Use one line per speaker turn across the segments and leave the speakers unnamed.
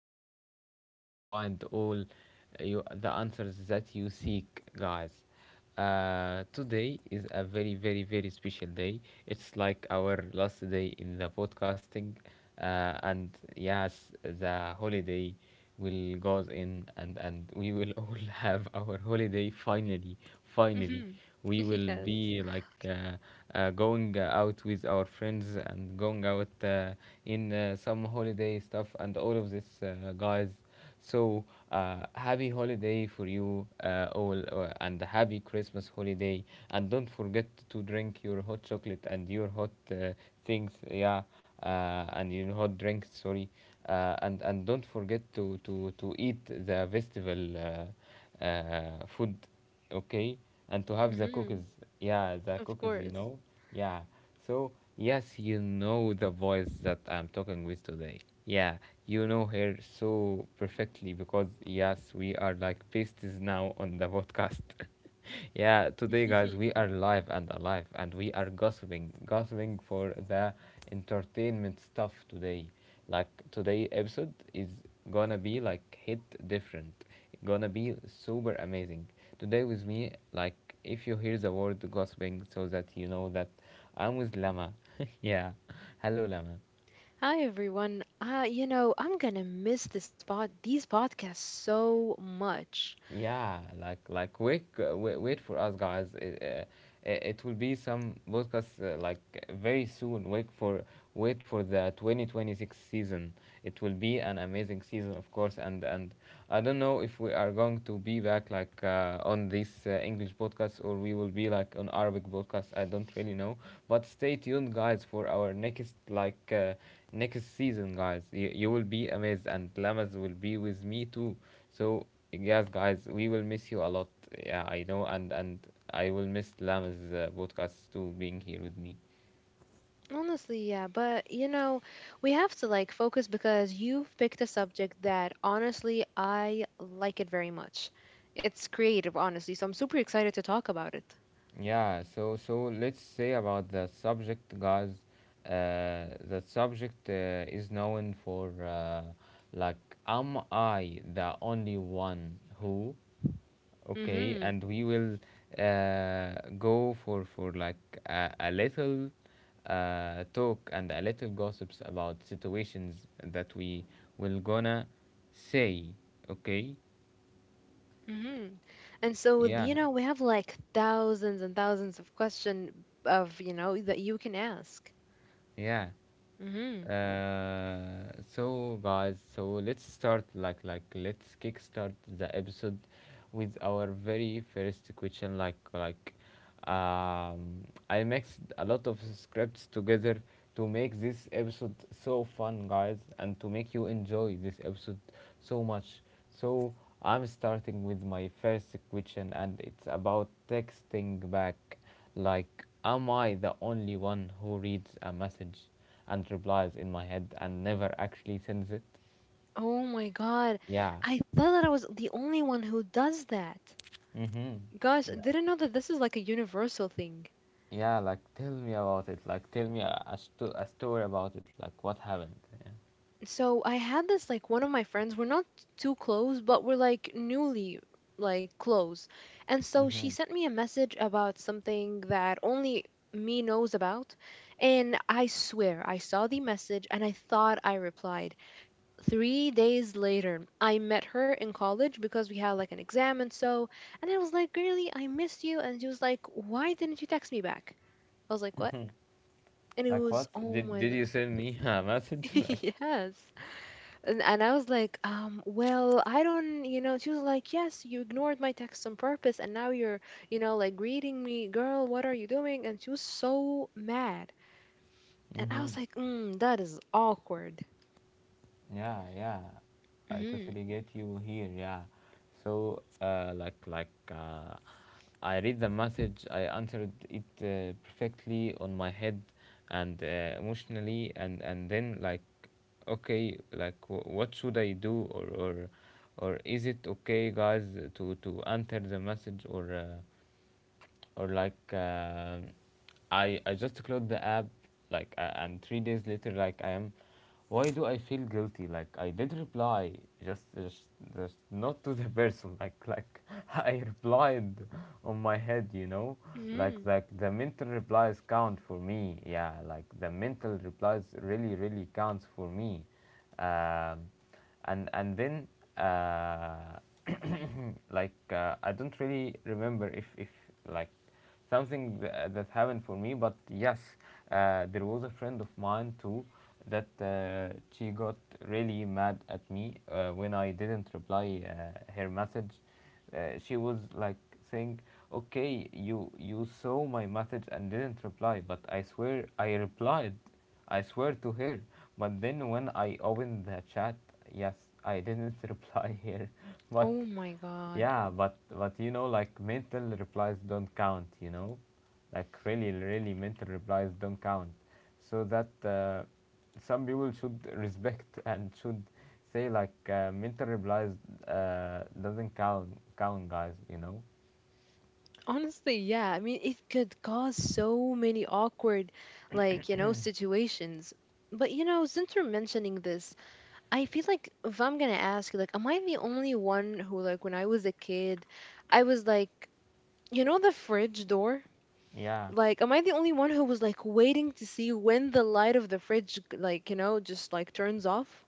podcast where you find all the answers that you seek, guys. Today is a very, very, very special day. It's like our last day in the podcasting, and yes, the holiday will goes in, and we will all have our holiday finally, finally
hmm
we will
Yes.
be like going out with our friends and going out in some holiday stuff and all of this, guys. So, happy holiday for you all, and happy Christmas holiday. And don't forget to drink your hot chocolate and your hot things, yeah, and your hot drinks. Sorry, and don't forget to to eat the festival food, okay, and to have the
hmm
cookies, yeah, the
Of
cookies
course.
yeah, so yes, you know the voice that I'm talking with today, yeah. You know her so perfectly because yes, we are like besties now on the podcast yeah. Today, guys, we are live and alive, and we are gossiping for the entertainment stuff today. Like, today episode is gonna be like hit different, gonna be super amazing. Today with me, like, if you hear the word gossiping, so that you know that I'm with Lama. Yeah, hello Lama.
Hi everyone. I'm gonna miss this pod these podcasts so much.
Yeah, wait wait for us, guys. It will be some podcast like very soon. Wait for the 2026 season. It will be an amazing season, of course. And I don't know if we are going to be back like on this English podcast, or we will be like on Arabic podcast. I don't really know. But stay tuned, guys, for our next like next season, guys. You will be amazed, and Lamaz will be with me too. So yes, guys, we will miss you a lot. Yeah, I know, and I will miss Lamaz podcast too, being here with me.
Honestly, yeah, but you know, we have to like focus because you've picked a subject that honestly I like it very much. It's creative, honestly, so I'm super excited to talk about it.
Yeah, so let's say about the subject, guys. The subject is known for like, am I the only one who? Okay,
Mhm.
and we will go for like a, little talk and a little gossips about situations that we will gonna say. Okay,
Mhm. And so, you
yeah,
know, we have like thousands and thousands of question of, you know, that you can ask.
yeah.
hmm
So guys, let's start let's kickstart the episode with our very first question. Um, I mixed a lot of scripts together to make this episode so fun, guys, and to make you enjoy this episode so much. So I'm starting with my first question, and it's about texting back. Like, am I the only one who reads a message and replies in my head and never actually sends it?
Oh my God.
Yeah.
I thought that I was the only one who does that.
Mm-hmm.
Gosh, I
Like,
didn't know that this is like a universal thing.
yeah, like tell me about it. Like tell me a story about it. Like what happened? Yeah.
So I had this like one of my friends, we're not too close, but we're like newly like close. And so she
Mm-hmm.
sent me a message about something that only me knows about. And I swear I saw the message and I thought I replied. 3 days later, I met her in college because we had like an exam and so. And I was like, girly, I missed you. And she was like, why didn't you text me back? I was like, what? And it
Like
was,
what?
oh
Did
my
did
God.
you send me a message? Like.
Yes. And I was like, well, I don't, you know, she was like, yes, you ignored my text on purpose. And now you're, you know, like greeting me, girl, what are you doing? And she was so mad. And I
Mm-hmm.
was like, that is awkward.
Yeah, yeah, I
hmm
totally get you here, yeah. So I read the message, I answered it perfectly on my head and emotionally, and then like, okay, like what should I do? Or is it okay, guys, to enter the message, or or like um I just close the app, like and 3 days later, like, I am, why do I feel guilty? Like I did reply, just just, just not to the person, like I replied on my head, you know.
hmm
The mental replies count for me, yeah, like the mental replies really really counts for me. Um, and then uh, like I don't really remember if like something that happened for me, but yes, there was a friend of mine too that she got really mad at me when I didn't reply her message. She was like saying, "Okay, you saw my message and didn't reply," but I swear I replied. I swear to her. But then when I opened the chat, yes, I didn't reply here, but
Oh my God.
yeah. But you know, like mental replies don't count. You know, like really, really mental replies don't count. So that some people should respect and should say like mental replies doesn't count, count, guys. You know.
Honestly, yeah. I mean, it could cause so many awkward, like, you know, situations. But, you know, since you're mentioning this, I feel like if I'm gonna ask, like, am I the only one who, like, when I was a kid, I was like, you know, the fridge door?
Yeah,
Like, am I the only one who was, like, waiting to see when the light of the fridge, like, you know, just, like, turns off?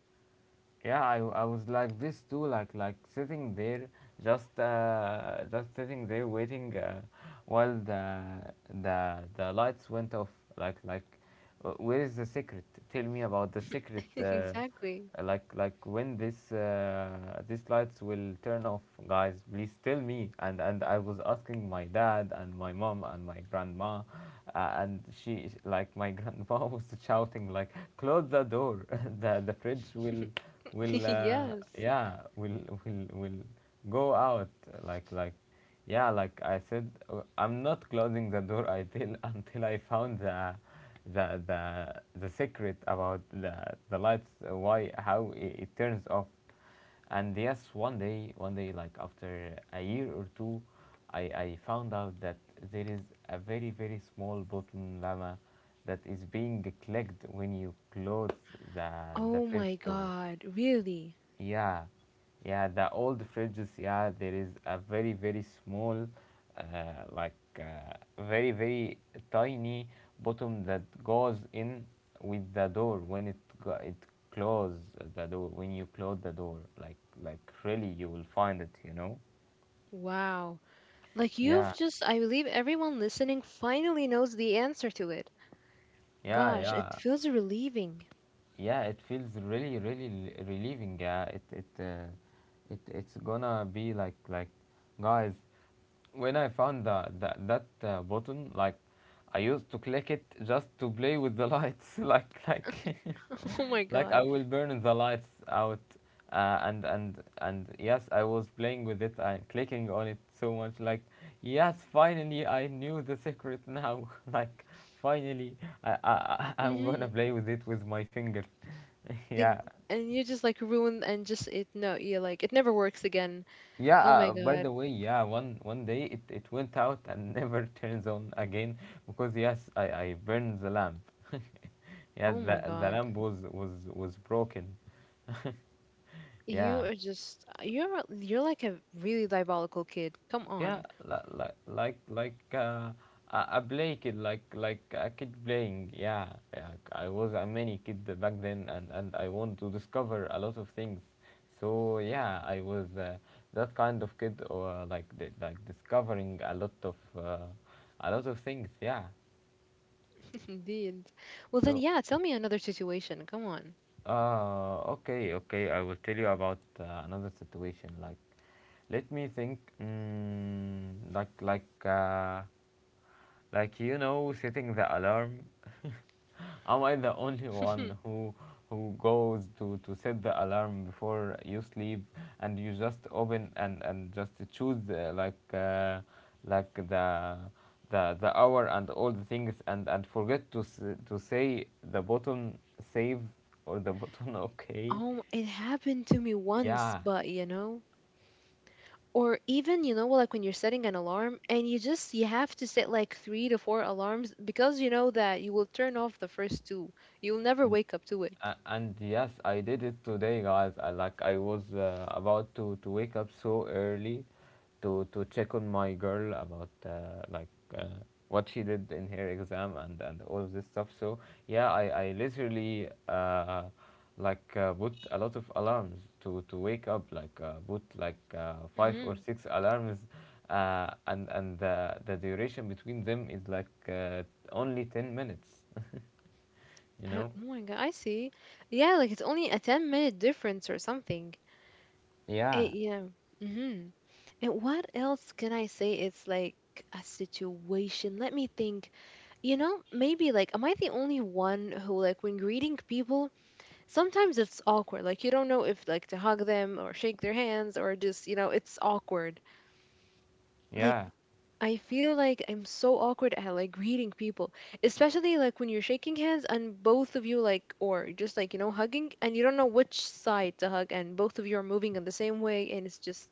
yeah. I was like this too, like sitting there, just sitting there waiting while the the lights went off, like like uh, where is the secret? Tell me about the secret.
Exactly.
When this these lights will turn off, guys. Please tell me. And I was asking my dad and my mom and my grandma, and she, like, my grandma was shouting like, close the door. The fridge will
Yes.
will go out, like like yeah, like I said, I'm not closing the door until until I found the secret about the lights, why, how it, turns off. And yes, one day, like after a year or two, I found out that there is a very very small bottom llama that is being clicked when you close the
Oh
fridge
my
door.
God, really?
Yeah, yeah, the old fridges, yeah, there is a very, very small, uh, very, very tiny bottom that goes in with the door when it close the door when you close the door, like really, you will find it, you know.
Wow. Like you've
Yeah,
just, I believe everyone listening finally knows the answer to it.
yeah.
Gosh, it
Yeah,
feels relieving.
yeah, it feels really really relieving, yeah. It's gonna be like guys, when I found the that button, like I used to click it just to play with the lights like
Oh my
like
god.
I will burn the lights out, and yes, I was playing with it and clicking on it so much. Like yes, finally I knew the secret now. Like finally I'm gonna
hmm
play with it with my finger. Yeah.
and you just like ruin and just it no, you like it never works again.
Yeah,
Oh my
by
god.
the way, yeah, one day it, went out and never turns on again, because yes, I burned the lamp. Yeah,
Oh
the
my god.
lamp was broken. Yeah.
You are just you're like a really diabolical kid. Come on.
Yeah, I play kid like a kid playing. Yeah, yeah. I was a mini kid back then, and I want to discover a lot of things. So yeah, I was that kind of kid, or like discovering a lot of things. Yeah.
Indeed. Well then,
So
yeah, tell me another situation. Come on.
okay, okay. I will tell you about another situation. Like, let me think. Mm, like like. Like, you know, setting the alarm. Am I the only one who goes to set the alarm before you sleep, and you just open and just choose the the hour and all the things, and forget to to say the button save, or the button okay?
Oh, it happened to me once,
Yeah.
but you know, or even you know like when you're setting an alarm and you just you have to set like three to four alarms because you know that you will turn off the first two, you'll never wake up to it.
And yes, I did it today, guys. I like I was about to wake up so early, to check on my girl about uh, what she did in her exam, and all of this stuff. So yeah, I literally put a lot of alarms to wake up. Like put like five or
Mm-hmm.
six alarms, and the duration between them is like only 10 minutes. You
I,
know.
oh my god, I see. Yeah, like it's only a 10-minute minute difference or something. Eh,
Yeah.
yeah. Mm-hmm. And what else can I say? It's like a situation, let me think. You know, maybe like am I the only one who, like when greeting people, sometimes it's awkward, like you don't know if like to hug them or shake their hands or just you know it's awkward. Like,
Yeah.
I feel like I'm so awkward at like greeting people, especially like when you're shaking hands and both of you like or just like you know hugging and you don't know which side to hug and both of you are moving in the same way and it's just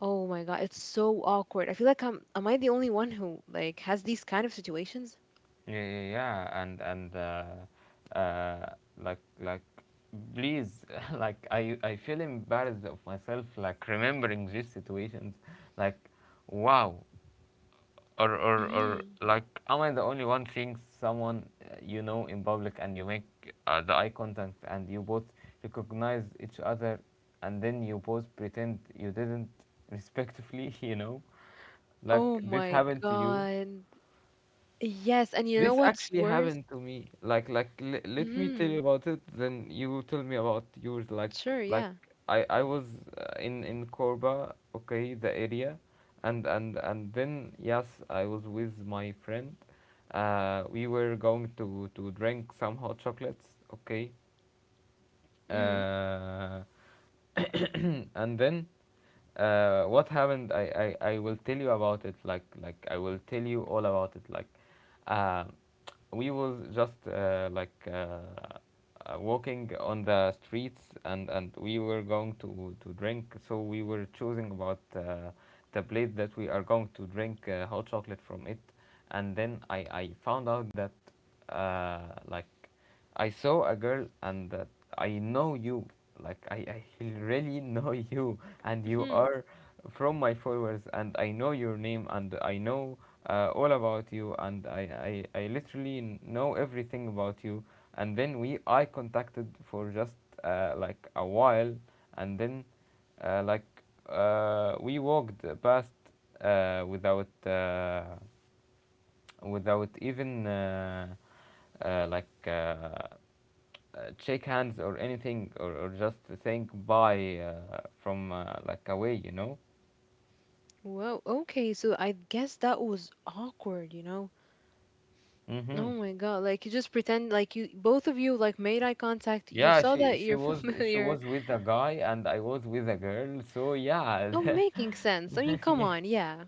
oh my god, it's so awkward. I feel like I'm am I the only one who like has these kind of situations?
Yeah, yeah, yeah, and uh, like please, like I feel embarrassed of myself, like remembering these situations, like wow. Or
Mm.
like, am I the only one seeing someone you know, in public, and you make the eye contact, and you both recognize each other, and then you both pretend you didn't, respectively you know, like
Oh
this
my
happened to you.
god. Yes, and you know
This
what's
actually
worse?
happened to me. Let me tell
Mhm.
you about it. Then you tell me about yours.
Sure, yeah.
I was in Corba, okay, the area, and then yes, I was with my friend. We were going to drink some hot chocolates, okay,
Mm-hmm.
uh, and then what happened? I will tell you about it, like I will tell you all about it. Uh, we was just walking on the streets, and we were going to drink, so we were choosing about the place that we are going to drink hot chocolate from it. And then I found out that uh, like I saw a girl, and that I know you. Like I really know you, and you
Mm-hmm.
are from my followers, and I know your name, and I know all about you, and I literally know everything about you. And then we I contacted for just a while, and then uh, like we walked past without without even uh, like uh, shake hands or anything, or just saying bye from away, you know.
Whoa, okay, so I guess that was awkward, you know? Oh
Mm-hmm.
my god, like you just pretend like you both of you like made eye contact, you
yeah
saw
she
that
she
you're
was she
familiar.
was with a guy, and I was with a girl, so yeah.
No making sense. I mean, come
Yeah.
on, yeah.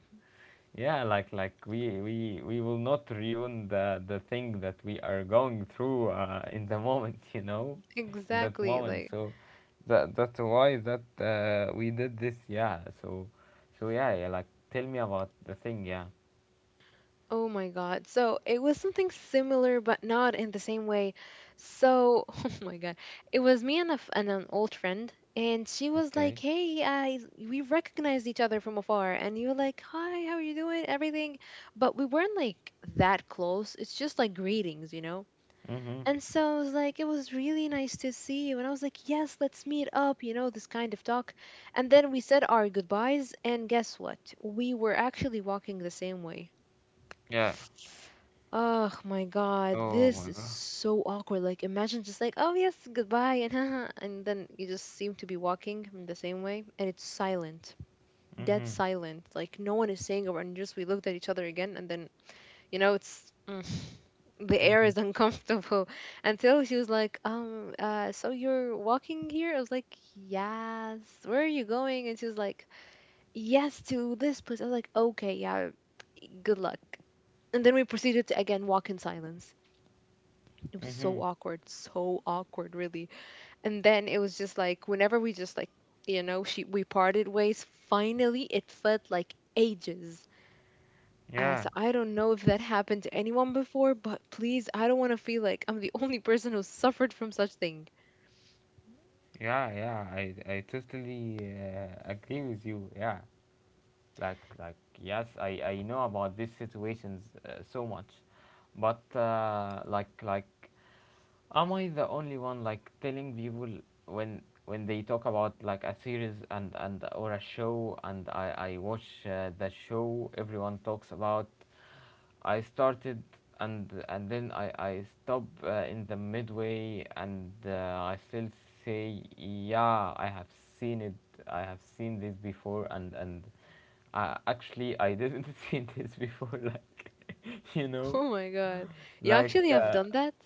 Like we will not ruin the thing that we are going through in the moment, you know, in that
Exactly.
moment.
Like
So that's why that we did this. Yeah. So so yeah, yeah, like tell me about the thing. Yeah.
Oh my God. So it was something similar, but not in the same way. So, oh my God. It was me and, and an old friend, and she was like,
Okay.
hey, I, we recognized each other from afar. And you were like, hi, how are you doing? Everything. But we weren't like that close. It's just like greetings, you know?
Mm-hmm.
And so I was like, it was really nice to see you. And I was like, yes, let's meet up, you know, this kind of talk. And then we said our goodbyes, and guess what? We were actually walking the same way.
Yeah.
Oh my god,
Oh
this
my
is
god.
so awkward. Like, imagine just like, oh yes, goodbye, and haha, and then you just seem to be walking in the same way, and it's silent, dead
Mhm.
silent. Like no one is saying a word, and just we looked at each other again, and then you know it's the air
Mhm.
is uncomfortable. Until she was like, so you're walking here? I was like, yes. Where are you going? And she was like, yes to this place. I was like, okay, yeah, good luck. And then we proceeded to again walk in silence. It was
Mhm.
so awkward, really. And then it was just like whenever we just like, you know, she we parted ways. Finally, it felt like ages.
Yeah.
As I don't know if that happened to anyone before, but please, I don't want to feel like I'm the only person who suffered from such thing.
Yeah. Yeah, I totally agree with you. Yeah. Like yes, I know about these situations so much, but am I the only one like telling people when they talk about like a series and or a show, and I watch the show everyone talks about? I started, and then I stop in the midway, and I still say yeah, I have seen it, I have seen this before. And actually I didn't see this before. Like you know
Oh my god, you
like
actually have done that?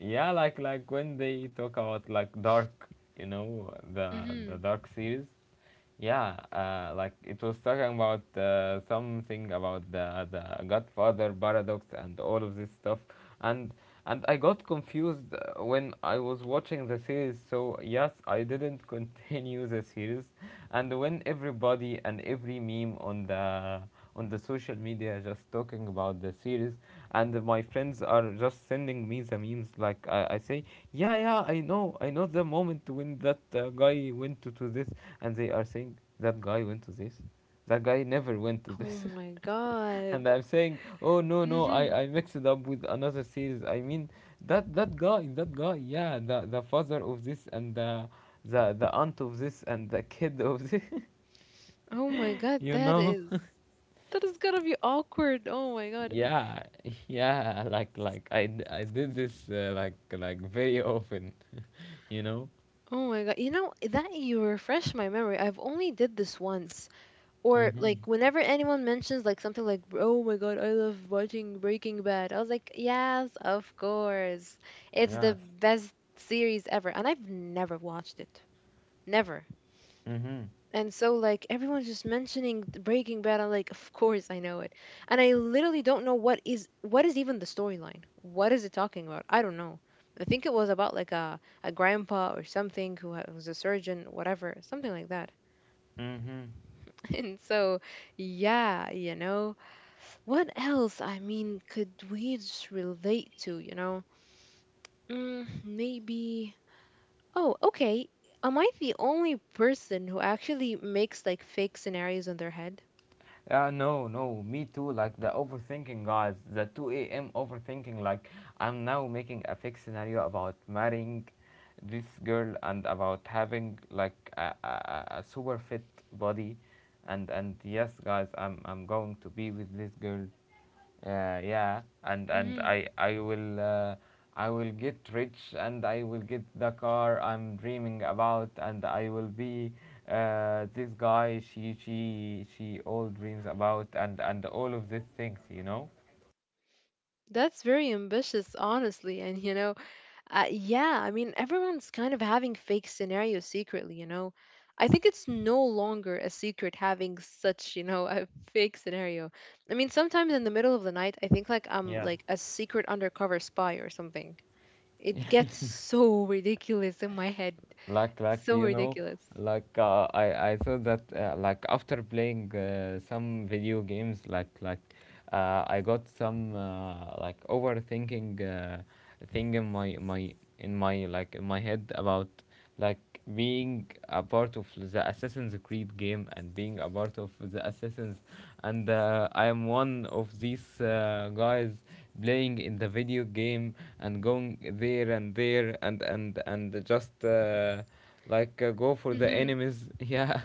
Yeah, like when they talk about like Dark, you know, the
hmm
Dark series. Yeah, like it was talking about something about the Godfather paradox and all of this stuff. And I got confused when I was watching the series. So yes, I didn't continue the series. And when everybody and every meme on the social media just talking about the series, and my friends are just sending me the memes. Like I say, yeah, yeah, I know the moment when that guy went to this. And they are saying, that guy went to this, that guy never went to
Oh
this.
my god.
And I'm saying, oh no, no, i
hmm
i mixed it up with another series, I mean, that guy, that guy, yeah, the father of this, and the the aunt of this, and the kid of this.
Oh my god,
You know.
that is gonna be awkward. Oh my god.
Yeah. Like I did this very often, you know.
Oh my god. You know, that you refresh my memory. I've only did this once. Or like
Mhm.
whenever anyone mentions like something like, "Oh my god, I love watching Breaking Bad." I was like, "Yes, of course. It's the
Yes.
best series ever." And I've never watched it. Never.
Mhm.
And so, like, everyone's just mentioning the Breaking Bad. I'm like, of course I know it. And I literally don't know what is even the storyline. What is it talking about? I don't know. I think it was about like a grandpa or something who was a surgeon, whatever, something like that.
Mhm.
And so, yeah, you know, what else? I mean, could we just relate to, you know? Mm, maybe. Oh, okay. Am I the only person who actually makes like fake scenarios in their head?
Yeah, no, no, me too. Like the overthinking, guys, the 2 a.m. overthinking. Like, I'm now making a fake scenario about marrying this girl, and about having like a super fit body. And yes, guys, I'm going to be with this girl. Yeah, yeah. And I will I will get rich, and I will get the car I'm dreaming about, and I will be this guy she all dreams about, and all of these things, you know?
That's very ambitious, honestly. And, you know, yeah, I mean, everyone's kind of having fake scenarios secretly, you know. I think it's no longer a secret having such, you know, a fake scenario. I mean, sometimes in the middle of the night, I think like I'm
Yeah.
like a secret undercover spy or something. It gets so ridiculous in my head.
like like
So
you know
ridiculous.
I thought that after playing some video games, I got some overthinking thing in my head about like being a part of the Assassin's Creed game, and being a part of the Assassins, and I am one of these guys playing in the video game, and going there and there, and just like go for the
hmm
enemies. Yeah,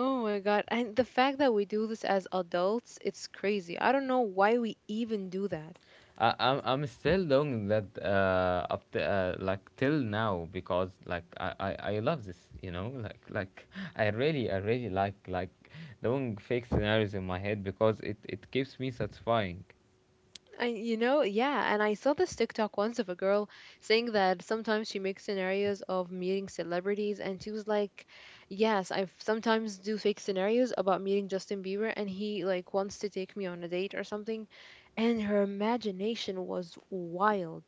Oh my God. And the fact that we do this as adults, it's crazy. I don't know why we even do that.
I'm still doing that up to, like till now, because like I love this, you know, like I really like doing fake scenarios in my head, because it keeps me satisfying.
I, you know, yeah, and I saw this TikTok once of a girl saying that sometimes she makes scenarios of meeting celebrities, and she was like, "Yes, I sometimes do fake scenarios about meeting Justin Bieber, and he like wants to take me on a date or something," and her imagination was wild.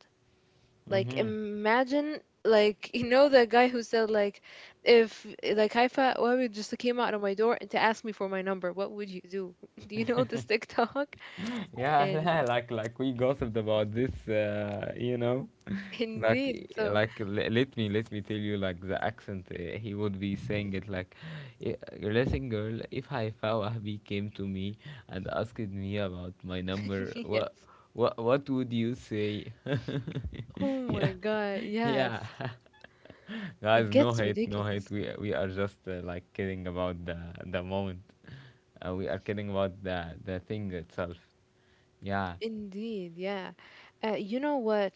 Like,
Mm-hmm.
imagine, like you know, the guy who said like, if like Haifa, well, just came out of my door and to ask me for my number, what would you do? Do you know this TikTok? And
Yeah, like we gossiped about this, you know. like
indeed, so.
like let me tell you like the accent he would be saying it like, "I- Listen, girl, if Haifa Wahbi came to me and asked me about my number, what
Yes.
what what would you say?"
Oh
Yeah,
my God. Yes.
yeah. Guys,
It
no
gets
hate, no hate.
ridiculous.
We are just kidding about the moment. We are kidding about the thing itself. Yeah.
Indeed. Yeah. You know what?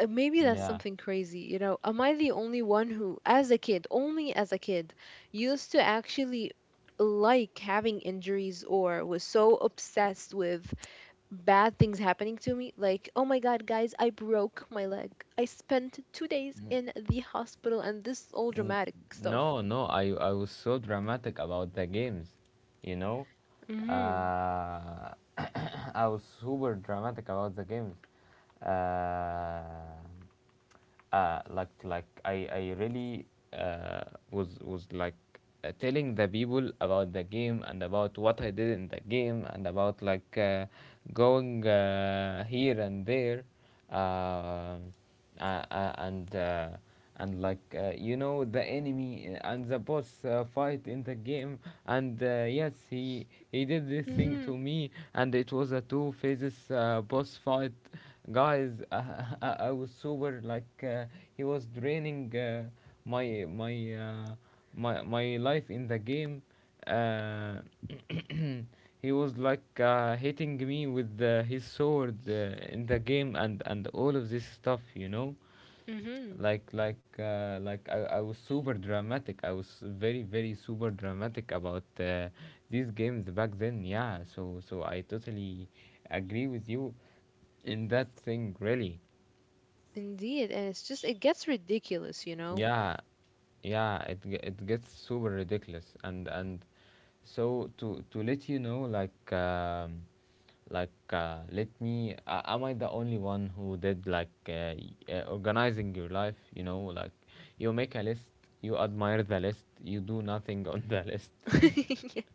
Maybe that's
Yeah.
something crazy. You know, am I the only one who, as a kid, only as a kid, used to actually like having injuries or was so obsessed with bad things happening to me? Like, oh my God, guys, I broke my leg. I spent 2 days
N-
in the hospital and this is all
n-
dramatic stuff.
No, no, I was so dramatic about the games, you know.
Mm-hmm.
Uh, I was super dramatic about the games. Uh, I really uh, was telling the people about the game, and about what I did in the game, and about going here and there. Uh, uh, uh, and uh, and like You know, the enemy and the boss fight in the game. And yes, he did this thing
Mm-hmm.
to me, and it was a two phases boss fight, guys. I was super like he was draining my my uh, my life in the game. uh, he was like hitting me with his sword in the game, and all of this stuff, you know.
Mm-hmm.
Like I was super dramatic. I was very, very super dramatic about these games back then. Yeah. So so I totally agree with you in that thing, really.
Indeed, and it's just it gets ridiculous, you know.
Yeah. It gets super ridiculous. And So to let you know, like um, let me am I the only one who did like organizing your life? You know, like you make a list, you admire the list, you do nothing on the list.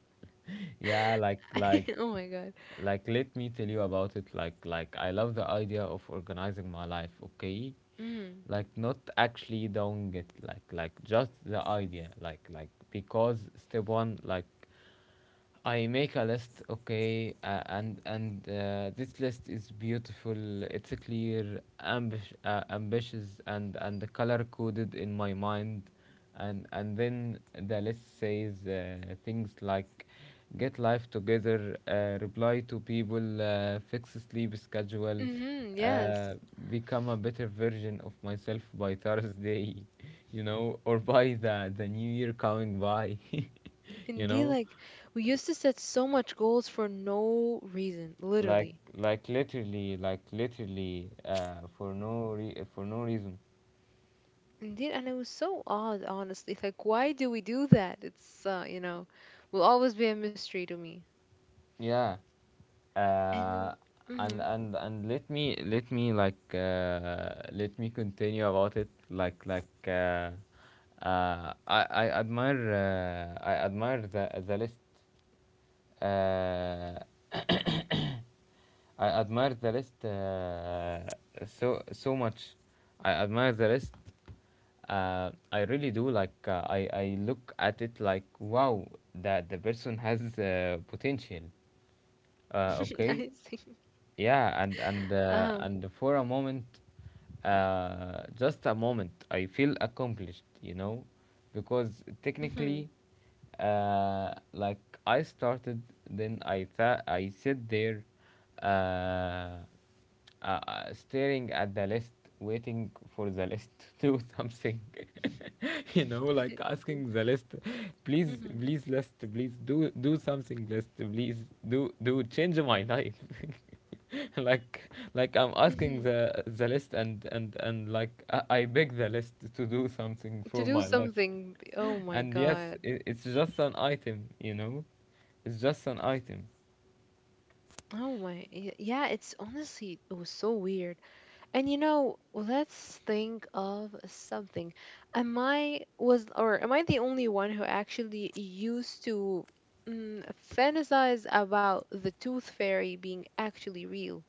Yeah.
Yeah. oh my god.
Let me tell you about it. Like I love the idea of organizing my life, okay,
Mm.
like not actually doing it, like just the idea, like because step one, like I make a list, okay, and this list is beautiful. It's clear, ambitious, and color coded in my mind. And then the list says things like, get life together, reply to people, fix sleep schedule,
Mm-hmm, yes.
uh, become a better version of myself by Thursday, you know, or by the new year coming by. You
Indeed,
know.
like we used to set so much goals for no reason,
like
literally.
like literally, literally for for no reason.
Indeed, and it was so odd, honestly. Like, why do we do that? It's you know, will always be a mystery to me.
Yeah.
And
uh,
mm-hmm.
and let me like let me continue about it. Like I admire, I admire the list. Uh, I admire the list so so much. I admire the list. I really do. Like I look at it like wow, that the person has potential. Okay,
I see.
yeah. and and uh,
Uh-huh.
and for a moment, just a moment, I feel accomplished, you know, because
Mm-hmm.
technically uh, like I started. Then I sit there uh, staring at the list, waiting for the list to do something. You know, like asking the list, please,
Mm-hmm.
please, list, please do something, list, please do change my life. Like I'm asking
Mm-hmm.
the list, and I beg the list to do something
To
for
do
my life.
something, oh my
And yes,
God.
it's just an item, you know, it's just an item.
Oh my, yeah, it's honestly, it was so weird. And you know, let's think of something. Am I was or am I the only one who actually used to mm, fantasize about the tooth fairy being actually real?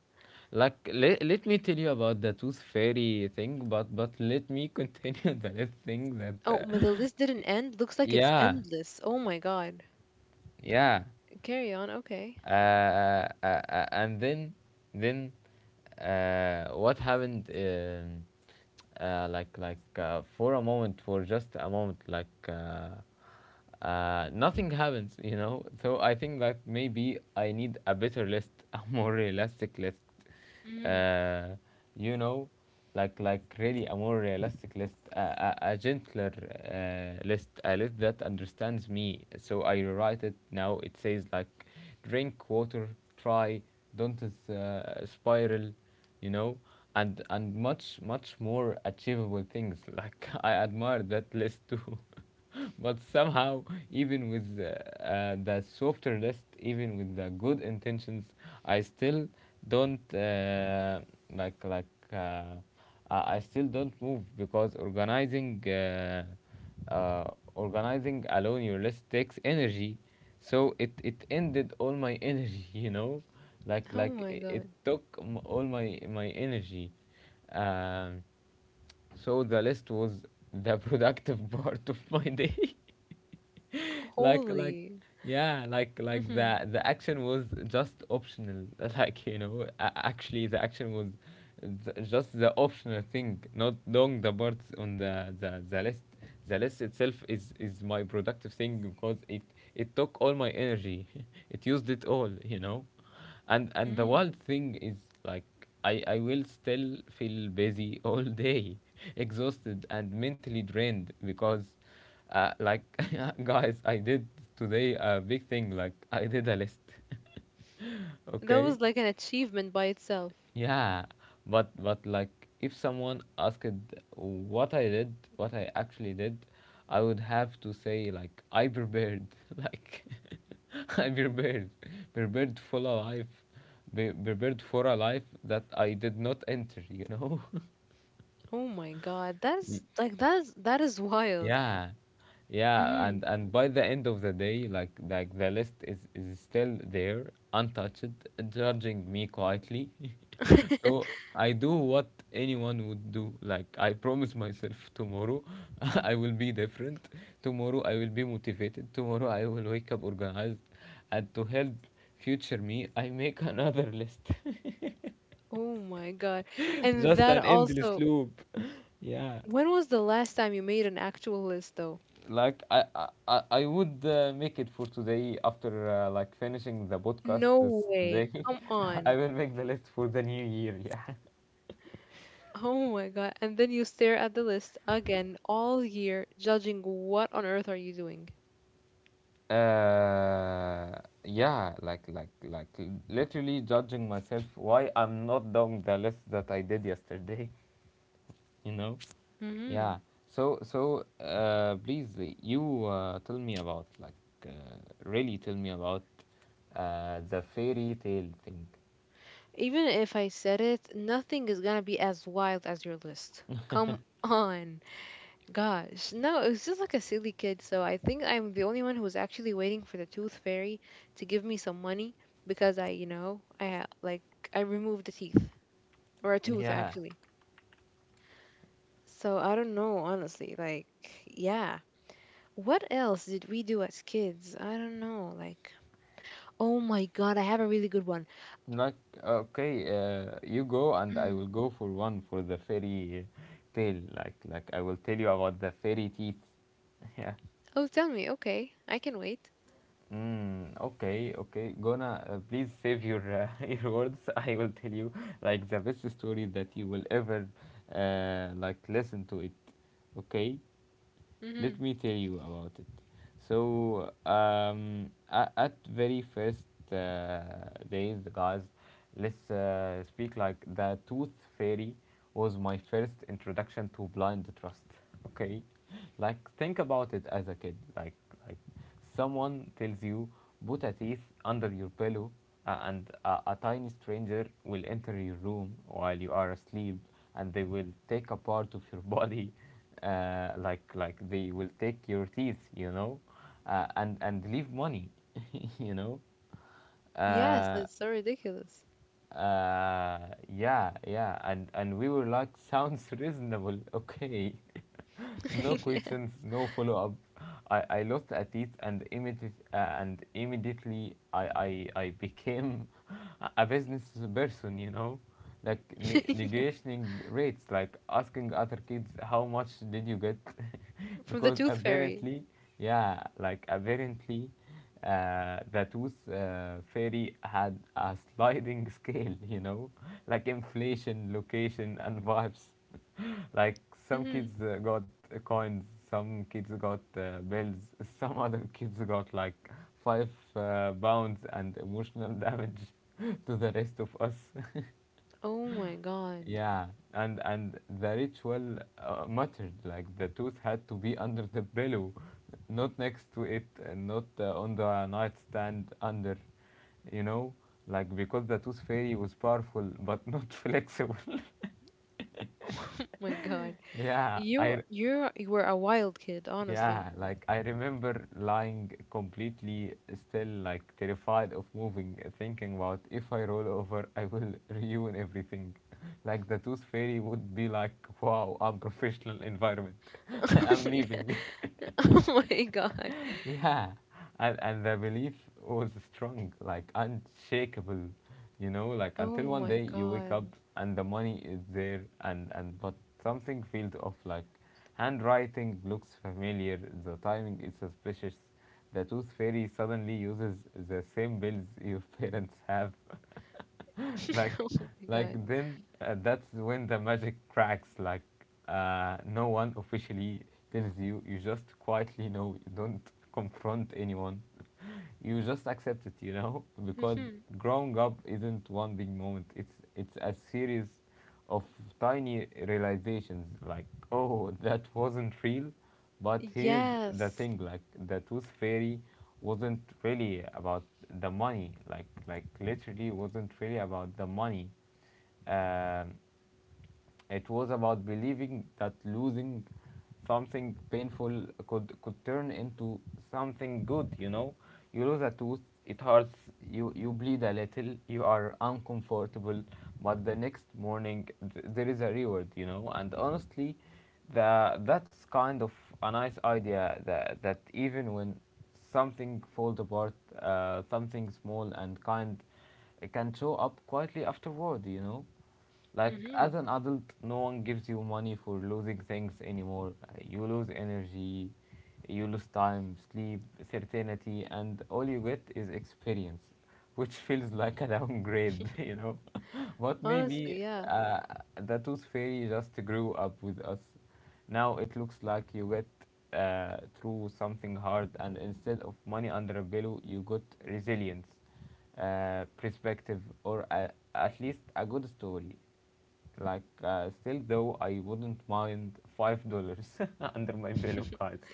Like let me tell you about the tooth fairy thing, but let me continue the last thing that
Oh, but the list didn't end. Looks like it's
yeah,
endless. Oh my God.
yeah.
Carry on. Okay.
And then What happened? For a moment, for just a moment, nothing happens, you know. So I think that maybe I need a better list, a more realistic list.
hmm
Uh, you know, like really a more realistic list, a gentler list, a list that understands me. So I rewrite it now. It says like, drink water, try, don't spiral, you know. And much much more achievable things. Like I admire that list too. But somehow, even with the softer list, even with the good intentions, I still don't like like uh, I still don't move, because organizing uh, organizing alone your list takes energy. So it ended all my energy, you know, like
Oh
like
my
it
God.
took all my energy. Um, so the list was the productive part of my day. Like
Holy.
yeah, like
hmm
the action was just optional. Like you know, actually the action was just the optional thing, not long the parts on the list. The list itself is my productive thing because it took all my energy. It used it all, you know, and the
hmm
wild thing is like I will still feel busy all day, exhausted and mentally drained because, uh, like, guys, I did today a big thing. Like, I did a list.
That
Okay,
was like an achievement by itself.
yeah, but but like, if someone asked what I did, what I actually did, I would have to say like I prepared, like I prepared, prepared for a life, prepared for a life that I did not enter. You know.
Oh my God, that is wild.
Yeah, yeah, and
hmm
and by the end of the day, like the list is still there, untouched, judging me quietly. So I do what anyone would do. Like I promise myself, tomorrow I will be different. Tomorrow I will be motivated. Tomorrow I will wake up organized, and to help future me, I make another list.
Oh my God. And
Just
that
an endless
also,
loop. Yeah.
when was the last time you made an actual list though?
Like I would make it for today after like finishing the podcast
No
this
way.
today.
Come
I
on.
will make the list for the new year. Yeah.
Oh my God. And then you stare at the list again all year, judging what on earth are you doing?
Uh, yeah. Like literally judging myself why I'm not doing the list that I did yesterday. You know. Yeah.
Hmm
So please you tell me about really tell me about the fairy tale thing.
Even if I said it, nothing is gonna be as wild as your list. Come on. Gosh, no, it was just like a silly kid. So I think I'm the only one who's actually waiting for the tooth fairy to give me some money because I I removed a teeth or a tooth
Yeah.
actually. So I don't know, honestly. Like, yeah. What else did we do as kids? I don't know. Like, oh my God, I have a really good one.
Like, okay, you go and I
Mhm.
will go for one for the fairy tale. Like I will tell you about the fairy teeth. Yeah.
Oh, tell me. Okay, I can wait.
Okay, okay. Gonna, please save your your words. I will tell you like the best story that you will ever like listen to it. Okay. Let
Hmm
me tell you about it. So, at very first uh, days, guys, let's speak like the tooth fairy was my first introduction to blind trust. Okay, like think about it as a kid, like, someone tells you, put a teeth under your pillow, and a tiny stranger will enter your room while you are asleep, and they will take a part of your body, like they will take your teeth, you know, and leave money, you know.
Yes,
Uh,
that's so ridiculous.
yeah, yeah, and we were like, sounds reasonable, okay. No
Yeah.
questions, no follow up. I lost a teeth and immediately, I became a business person, you know, like
Yeah.
negotiating rates, like asking other kids how much did you get,
From the
because
tooth fairy.
apparently, yeah, like apparently. The tooth fairy had a sliding scale, you know, like inflation, location, and vibes. Like some
Hmm
kids got coins, some kids got bells, some other kids got like five pounds and emotional damage to the rest of us.
Oh my God.
Yeah, and the ritual mattered. Like the tooth had to be under the pillow, not next to it, and not on the nightstand under. You know, like because the tooth fairy was powerful but not flexible.
Oh my god.
yeah,
You
I
you you were a wild kid, honestly.
Yeah, like I remember lying completely still, like terrified of moving, thinking about if I roll over, I will ruin everything. Like the tooth fairy would be like, wow, unprofessional environment. I'm leaving.
Oh my god.
Yeah, and the belief was strong like unshakable, you know, like until
Oh
one
my
day you wake up
god.
and the money is there, and but something feels off, like handwriting looks familiar, the timing is suspicious, the tooth fairy suddenly uses the same bills your parents have. like
Oh my
like
god.
then that's when the magic cracks. Like no one officially tells you, you just quietly know, you don't confront anyone, you just accept it, you know, because
Hmm
growing up isn't one big moment. It's a series of tiny realizations. Like, oh, that wasn't real, but here's the
Yes.
thing: like, the tooth fairy wasn't really about the money. Like literally wasn't really about the money. Um, it was about believing that losing something painful could turn into something good. You know, you lose a tooth, it hurts. You bleed a little. You are uncomfortable, but the next morning there is a reward. You know, and honestly, the that's kind of a nice idea. That even when something falls apart, something small and kind, it can show up quietly afterward. You know. Like, as
hmm
an adult, no one gives you money for losing things anymore. You lose energy, you lose time, sleep, certainty, and all you get is experience, which feels like a downgrade, you know. But
Honestly,
maybe
yeah.
uh, the tooth fairy just grew up with us. Now it looks like you get through something hard, and instead of money under a pillow, you got resilience, perspective, or at least a good story. Like, still though, I wouldn't mind $5 under my pillow, guys.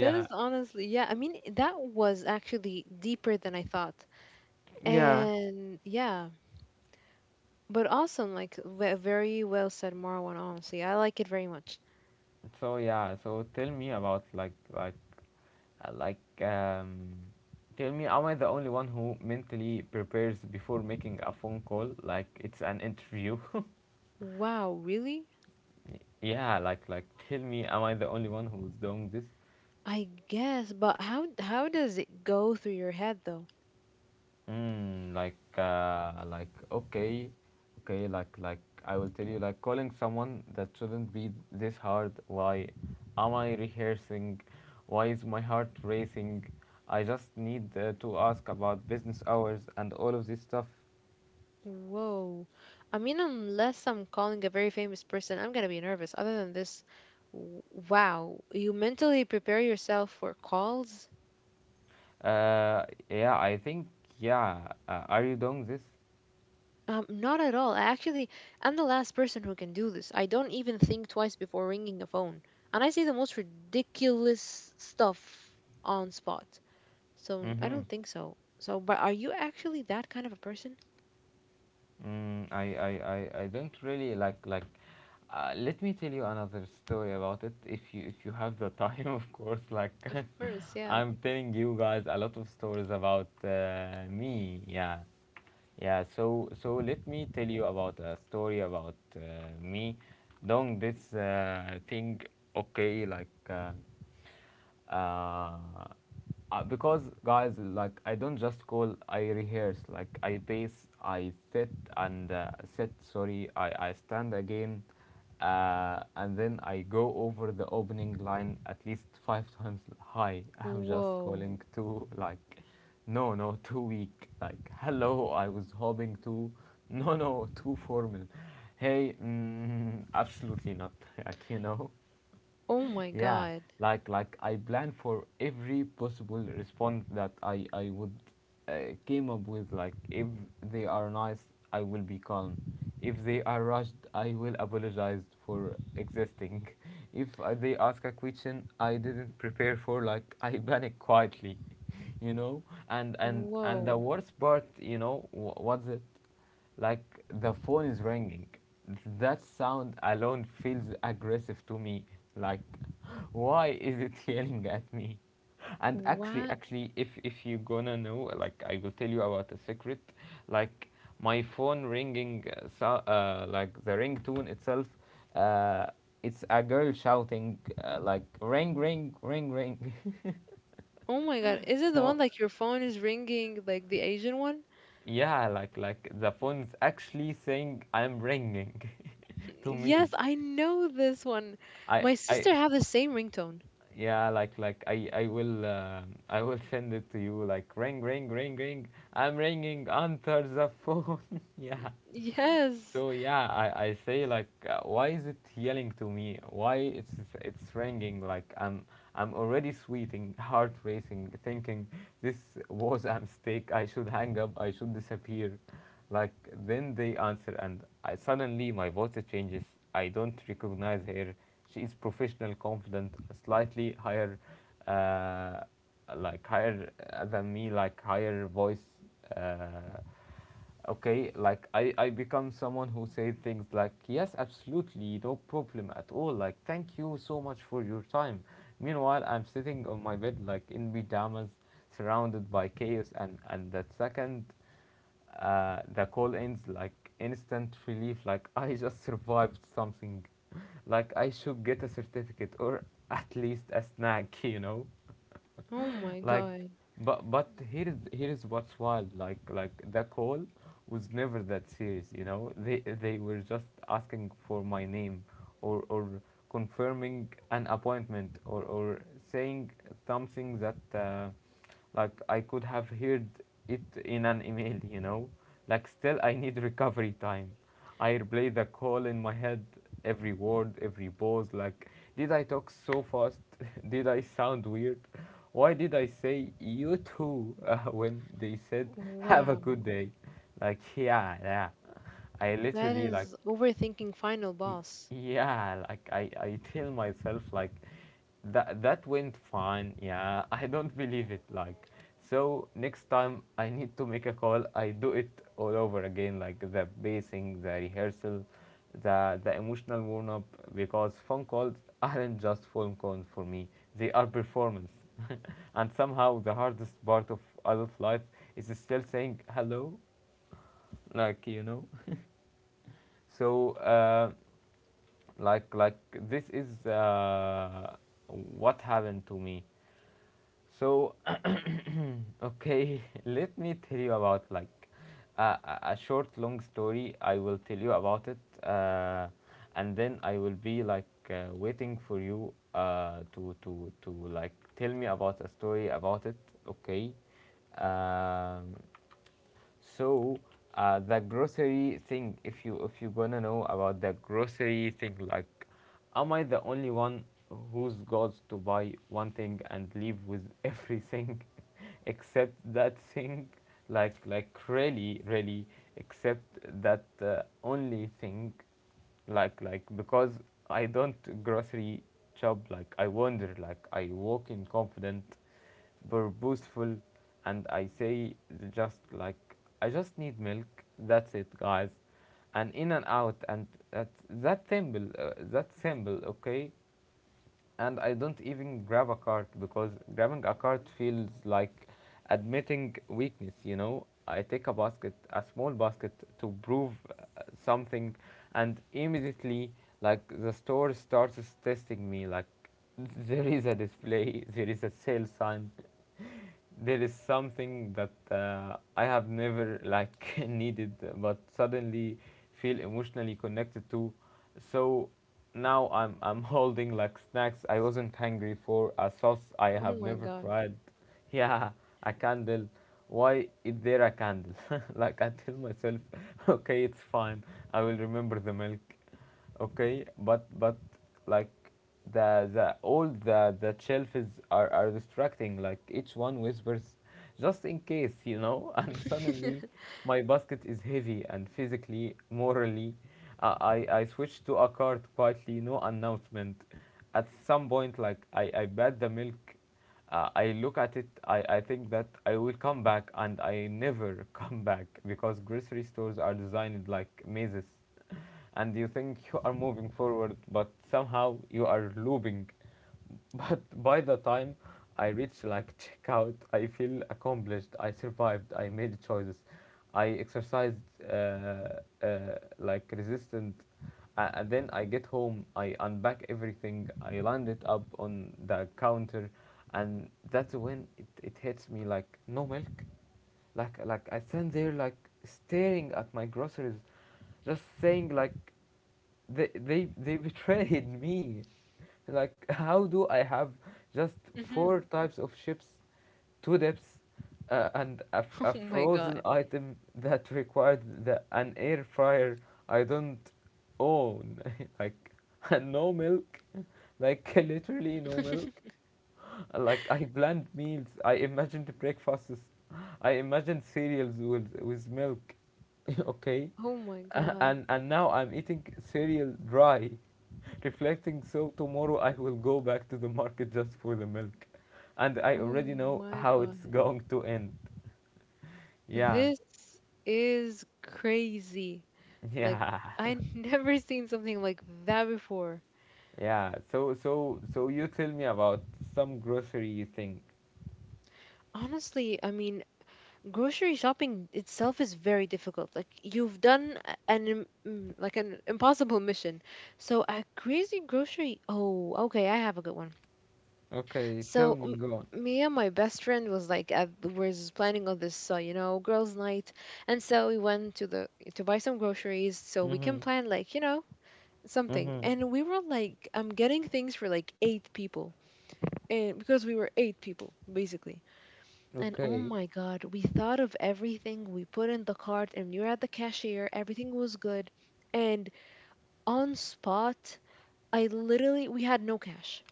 That is honestly, yeah. I mean, that was actually deeper than I thought.
Yeah.
And yeah, but awesome. Like, very well said, Marwan, honestly. I like it very much.
So yeah, so tell me about uh, like um tell me, am I the only one who mentally prepares before making a phone call like it's an interview?
Wow, really?
Yeah, like tell me, am I the only one who's doing this?
I guess, but how does it go through your head though?
Okay, okay, like I will tell you, like calling someone that shouldn't be this hard. Why am I rehearsing? Why is my heart racing? I just need to ask about business hours and all of this stuff.
Whoa. I mean, unless I'm calling a very famous person, I'm gonna be nervous. Other than this, w- wow, you mentally prepare yourself for calls?
Uh, yeah, I think yeah. Are you doing this?
Not at all. I actually, I'm the last person who can do this. I don't even think twice before ringing a phone, and I say the most ridiculous stuff on spot. So I
Mm-hmm.
don't think so. So, but are you actually that kind of a person?
Mm, I, I, I don't really like like. Let me tell you another story about it if you have the time, of course. Like,
Of course, yeah.
I'm telling you guys a lot of stories about me. Yeah. Yeah, so so let me tell you about a story about me doing this thing. Okay, uh, because guys, like I don't just call, I rehearse. Like I pace, I sit and sit. Sorry, I stand again and then I go over the opening line at least five times. Hi, I'm just
Whoa.
calling to, like, no, no, too weak. Like, hello, I was hoping to, no, no, too formal. Hey, mm, absolutely not. Like, you know,
Oh my
yeah,
God.
like I plan for every possible response that I would uh, came up with. Like, if they are nice, I will be calm. If they are rushed, I will apologize for existing. If they ask a question I didn't prepare for, like I panic quietly. You know, and the
Whoa.
worst part, you know, what's it, like the phone is ringing. That sound alone feels aggressive to me. Like, why is it yelling at me? And actually,
Wow.
actually, if you gonna know, like, I will tell you about a secret. Like, my phone ringing, like the ringtone itself, uh, it's a girl shouting, like, ring, ring, ring, ring.
Oh my God, is it the
So
one like your phone is ringing, like the Asian one?
yeah, like the phone's actually saying I'm ringing. To
Yes,
me.
I know this one. My
I
sister have the same ringtone.
Yeah, like I will I will send it to you, like, ring, ring, ring, ring, I'm ringing, answer the phone. Yeah.
Yes.
So yeah, I say, like, why is it yelling to me? Why it's ringing like I'm already sweating, heart racing, thinking this was a mistake. I should hang up. I should disappear. Like then they answer, and I suddenly my voice changes. I don't recognize her. She is professional, confident, slightly higher, uh, higher than me, like higher voice. Uh, okay, like I become someone who say things like yes, absolutely, no problem at all, like thank you so much for your time. Meanwhile, I'm sitting on my bed, like in pajamas, surrounded by chaos, and the second the call ends, like instant relief, like I just survived something. Like I should get a certificate, or at least a snack. You know,
Oh my
like,
God.
but here is what's wild, like the call was never that serious, you know. They were just asking for my name, or confirming an appointment, or saying something that like I could have heard it in an email, you know. Like still I need recovery time. I replay the call in my head, every word, every pause. Like, did I talk so fast? Did I sound weird? Why did I say you too when they said have a
Wow.
good day? Like, yeah, yeah. I
That
literally
is overthinking final
Y-
boss.
Yeah, like I tell myself that went fine. Yeah, I don't believe it. Like so next time I need to make a call, I do it all over again, like the basing, the rehearsal, the emotional warm up because phone calls aren't just phone calls for me. They are performance. And somehow the hardest part of adult life is still saying hello, like you know. So, like like this is what happened to me. So, okay, let me tell you about a short long story. I will tell you about it, uh, and then I will be like waiting for you to like tell me about a story about it. Okay. Um, so the grocery thing, if you gonna know about the grocery thing, like, am I the only one who's got to buy one thing and leave with everything except that thing? Like really really except that only thing because I don't grocery shop. Like I wander, like I walk in confident, purposeful, and I say, just like, I just need milk. That's it, guys, and in and out and that symbol that symbol. Okay, and I don't even grab a card because grabbing a card feels like admitting weakness, you know. I take a basket, a small basket, to prove something, and immediately, like, the store starts testing me. Like, there is a display, there is a sale sign, there is something that I have never like needed, but suddenly feel emotionally connected to. So now I'm holding like snacks I wasn't hungry for, a sauce I
Oh
have
my
never
God.
tried. Yeah, a candle. Why is there a candle? Like I tell myself, okay, it's fine. I will remember the milk, okay, but like the all the shelves are distracting. Like each one whispers, just in case, and suddenly my basket is heavy and physically morally, I switch to a cart quietly, no announcement. At some point, I bet the milk, I look at it, I think that I will come back and I never come back because grocery stores are designed like mazes and you think you are moving forward, but somehow you are looping. But by the time I reach like checkout, I feel accomplished. I survived. I made choices. I exercised, uh, like, resistant. And then I get home. I unpack everything. I lined it up on the counter, and that's when it hits me. Like, no milk. Like I stand there, like staring at my groceries, just saying like, they betrayed me. Like, how do I have just four
Mhm.
types of ships, two depths, uh, and a, f- a
Oh my
frozen
God.
item that required an air fryer I don't own, like, and no milk, like literally no milk. Like, I planned meals, I imagined breakfasts, I imagined cereals with milk, okay,
Oh my
A-
God.
and and now I'm eating cereal dry, reflecting, so tomorrow I will go back to the market just for the milk. And I
Oh
already know
my
how
God.
it's going to end. Yeah,
This is crazy. Like,
yeah,
I never seen something like that before.
yeah. So you tell me about some grocery thing.
Honestly, I mean, grocery shopping itself is very difficult. Like you've done mm, like an impossible mission. So a crazy grocery. Oh, okay, I have a good one.
Okay, tell
So
me, go on.
me and my best friend was planning on this, you know, girls' night, and so we went to the to buy some groceries so we can
Mm-hmm,
plan like, you know, something.
mm-hmm.
And we were like, I'm getting things for like 8 people, and because we were 8 people basically. And oh
Okay.
my God, we thought of everything. We put in the cart and we were at the cashier. Everything was good. And on spot, I literally, we had no cash.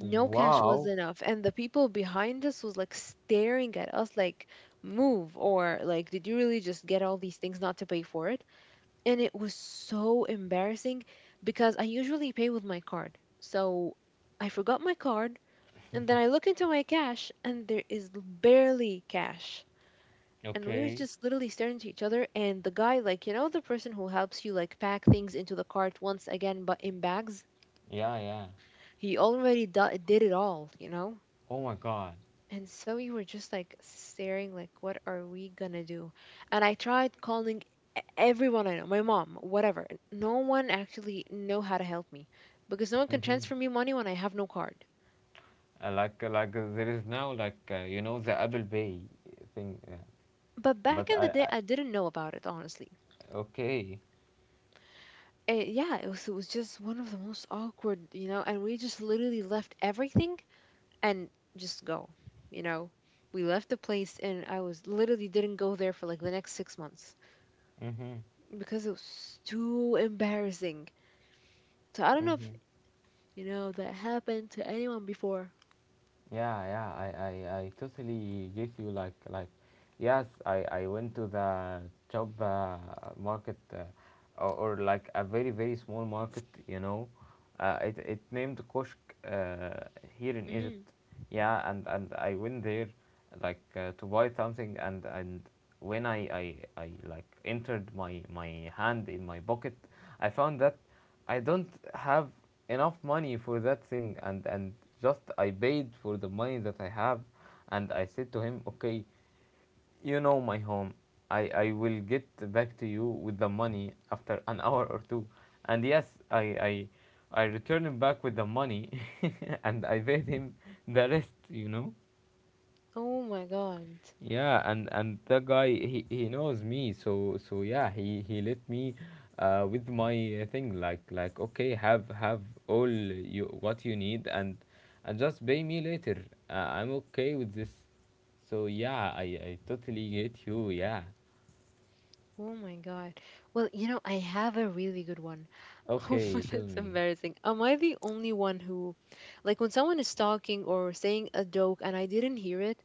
No cash was enough. And the people behind us was like staring at us like, move, or like, did you really just get all these things not to pay for it? And it was so embarrassing because I usually pay with my card. So I forgot my card. And then I look into my cash and there is barely cash, and we were
Okay.
just literally staring to each other, and the guy, like, you know, the person who helps you like pack things into the cart once again but in bags,
Yeah, yeah.
he already did it all, you know.
Oh my God.
And so we were just like staring, like what are we gonna do, and I tried calling everyone I know, my mom, whatever, and no one actually know how to help me because no one can
Mm-hmm.
transfer me money when I have no card,
There is now like you know the Apple Pay thing,
but
but
back in the day
I
I didn't know about it, honestly.
okay.
Eh, yeah, it was just one of the most awkward, you know, and we just literally left everything and just go. You know, we left the place, and I was literally didn't go there for like the next 6 months
Mm-hmm.
because it was too embarrassing. So I don't know if
Mm-hmm.
you know that happened to anyone before.
Yeah, yeah, I totally give you yes, I went to the job market, or like a very very small market, you know. It named Koshk, uh, here in
Hmm
Egypt. Yeah, and I went there like to buy something and when I like entered my my hand in my pocket, I found that I don't have enough money for that thing and just I paid for the money that I have and I said to him, okay, you know my home. I will get back to you with the money after an hour or two. And yes, I returned him back with the money and I paid him the rest, you know?
Oh my god.
Yeah, and the guy he knows me, so so yeah, he let me with my thing. Like okay, have all you what you need and just pay me later. I'm okay with this. So yeah, I totally get you, yeah.
Oh my god. Well, you know, I have a really good one. Oh,
Okay, tell
that's
me.
embarrassing. Am I the only one who, like, when someone is talking or saying a joke and I didn't hear it,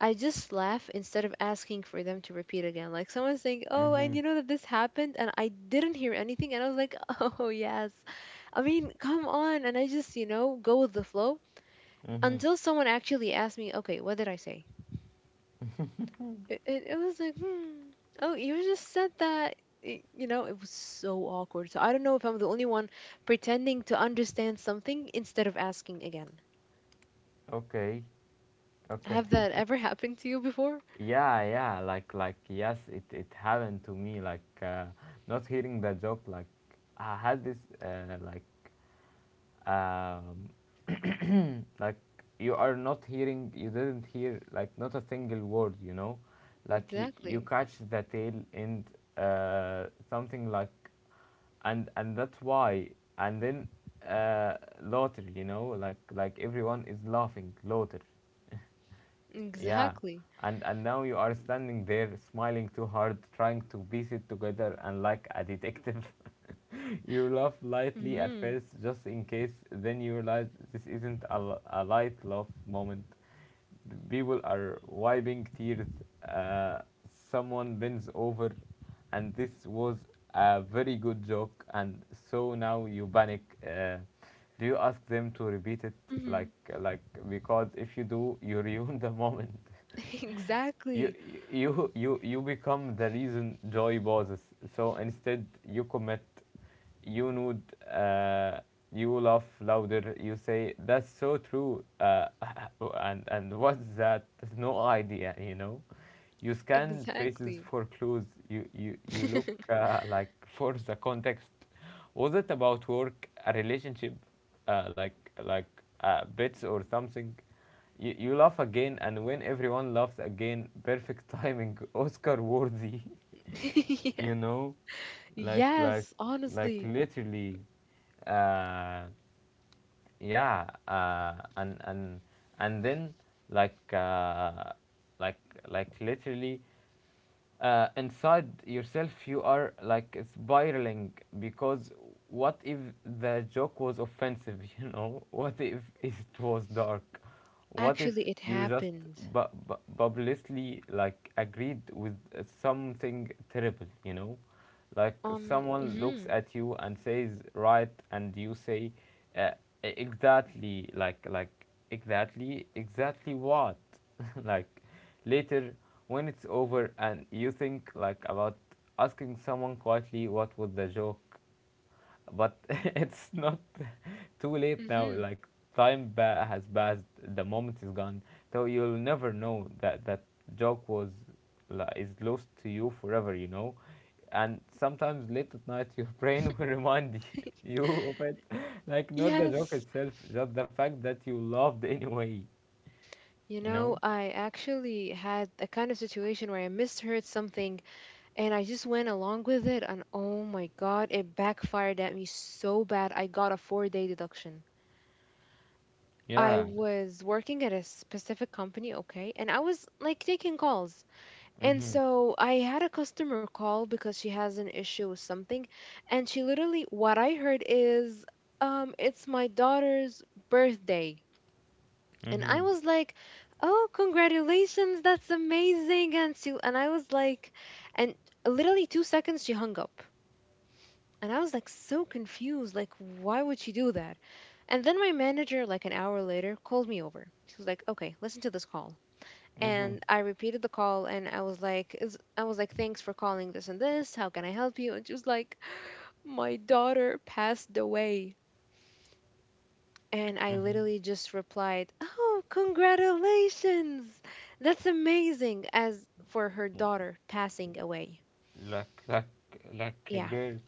I just laugh instead of asking for them to repeat again. Like, someone's saying, oh, and
Mm-hmm.
you know that this happened, and I didn't hear anything, and I was like, oh, yes. I mean, come on. And I just, you know, go with the flow
Mm-hmm.
until someone actually asks me, okay, what did I say? It was like, hmm, oh, you just said that. You know, it was so awkward. So I don't know if I'm the only one pretending to understand something instead of asking again.
Okay. Okay.
Have that ever happened to you before?
Yeah, yeah, like yes, it happened to me like not hearing the joke. Like I had this um, like you are not hearing, you didn't hear like not a single word, you know, like you
Exactly.
catch the tail end, something like, and that's why, and then uh, laughter, you know, like everyone is laughing, laughter, yeah,
Exactly.
and now you are standing there, smiling too hard, trying to piece it together, and like a detective, you laugh lightly at
Mm-hmm.
first, just in case. Then you realize this isn't a light laugh moment. The people are wiping tears. Uh, someone bends over, and this was a very good joke. And so now you panic. Do you ask them to repeat it?
Mm-hmm.
Like like, because if you do, you ruin the moment.
Exactly.
You you you you become the reason joy pauses. So instead, you commit, you nod, uh, you laugh louder. You say, "That's so true," and what's that? No idea, you know. You scan faces
Exactly.
for clues. You look like for the context. Was it about work, a relationship, uh, like like bits or something? You laugh again, and when everyone laughs again, perfect timing, Oscar worthy.
Yeah.
You know, like like
Yes, honestly.
literally, uh, yeah, and then like uh, like literally, inside yourself you are like spiraling, because what if the joke was offensive, you know, what if it was dark, what if
Actually, it
you just
happened
publicly like agreed with something terrible, you know, like
on.
someone looks
Mm-hmm.
at you and says right and you say, uh, exactly, exactly, what, like. Later, when it's over and you think like about asking someone quietly what was the joke, but it's not too late now.
Mm-hmm.
Like, has passed, the moment is gone, so you'll never know that joke was like, is lost to you forever. You know, and sometimes late at night, your brain will remind you, you of it, like not the joke
Yes.
itself, just the fact that you loved anyway,
You
you
know,
know?
I actually had a kind of situation where I misheard something, and I just went along with it, and oh my God, it backfired at me so bad. I got a 4 day deduction. I
Yeah.
was working at a specific company, okay, and I was like taking calls. And
Mm-hmm.
so I had a customer call because she has an issue with something, and she literally, what I heard is, it's my daughter's birthday. And
Mm-hmm.
I was like, "Oh, congratulations, that's amazing." And so and I was like and literally 2 seconds she hung up. And I was like so confused, like why would she do that? And then my manager like an hour later called me over. She was like, "Okay, listen to this call."
Mm-hmm.
And I repeated the call and I was like I was like, "Thanks for calling this and this. How can I help you?" And she was like, "My daughter passed away." And I
Mm-hmm.
literally just replied, "Oh, congratulations! That's amazing!" As for her daughter passing away.
Like like a
Yeah.
girl,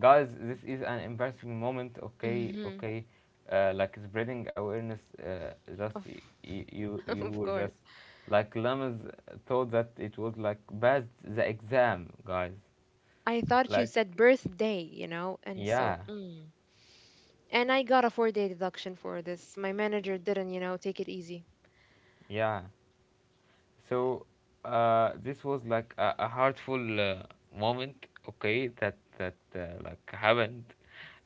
guys. This is an embarrassing moment. Okay,
hmm
okay. Like spreading awareness. Just
Of,
you you
of
were
course.
just like lamas, thought that it was like bad the exam, guys.
I thought you
Like,
said birthday, you know? And so,
yeah,
mm. And I got a 4 day deduction for this. My manager didn't, you know, take it easy.
yeah. So this was like a hurtful moment. Okay, that that like happened.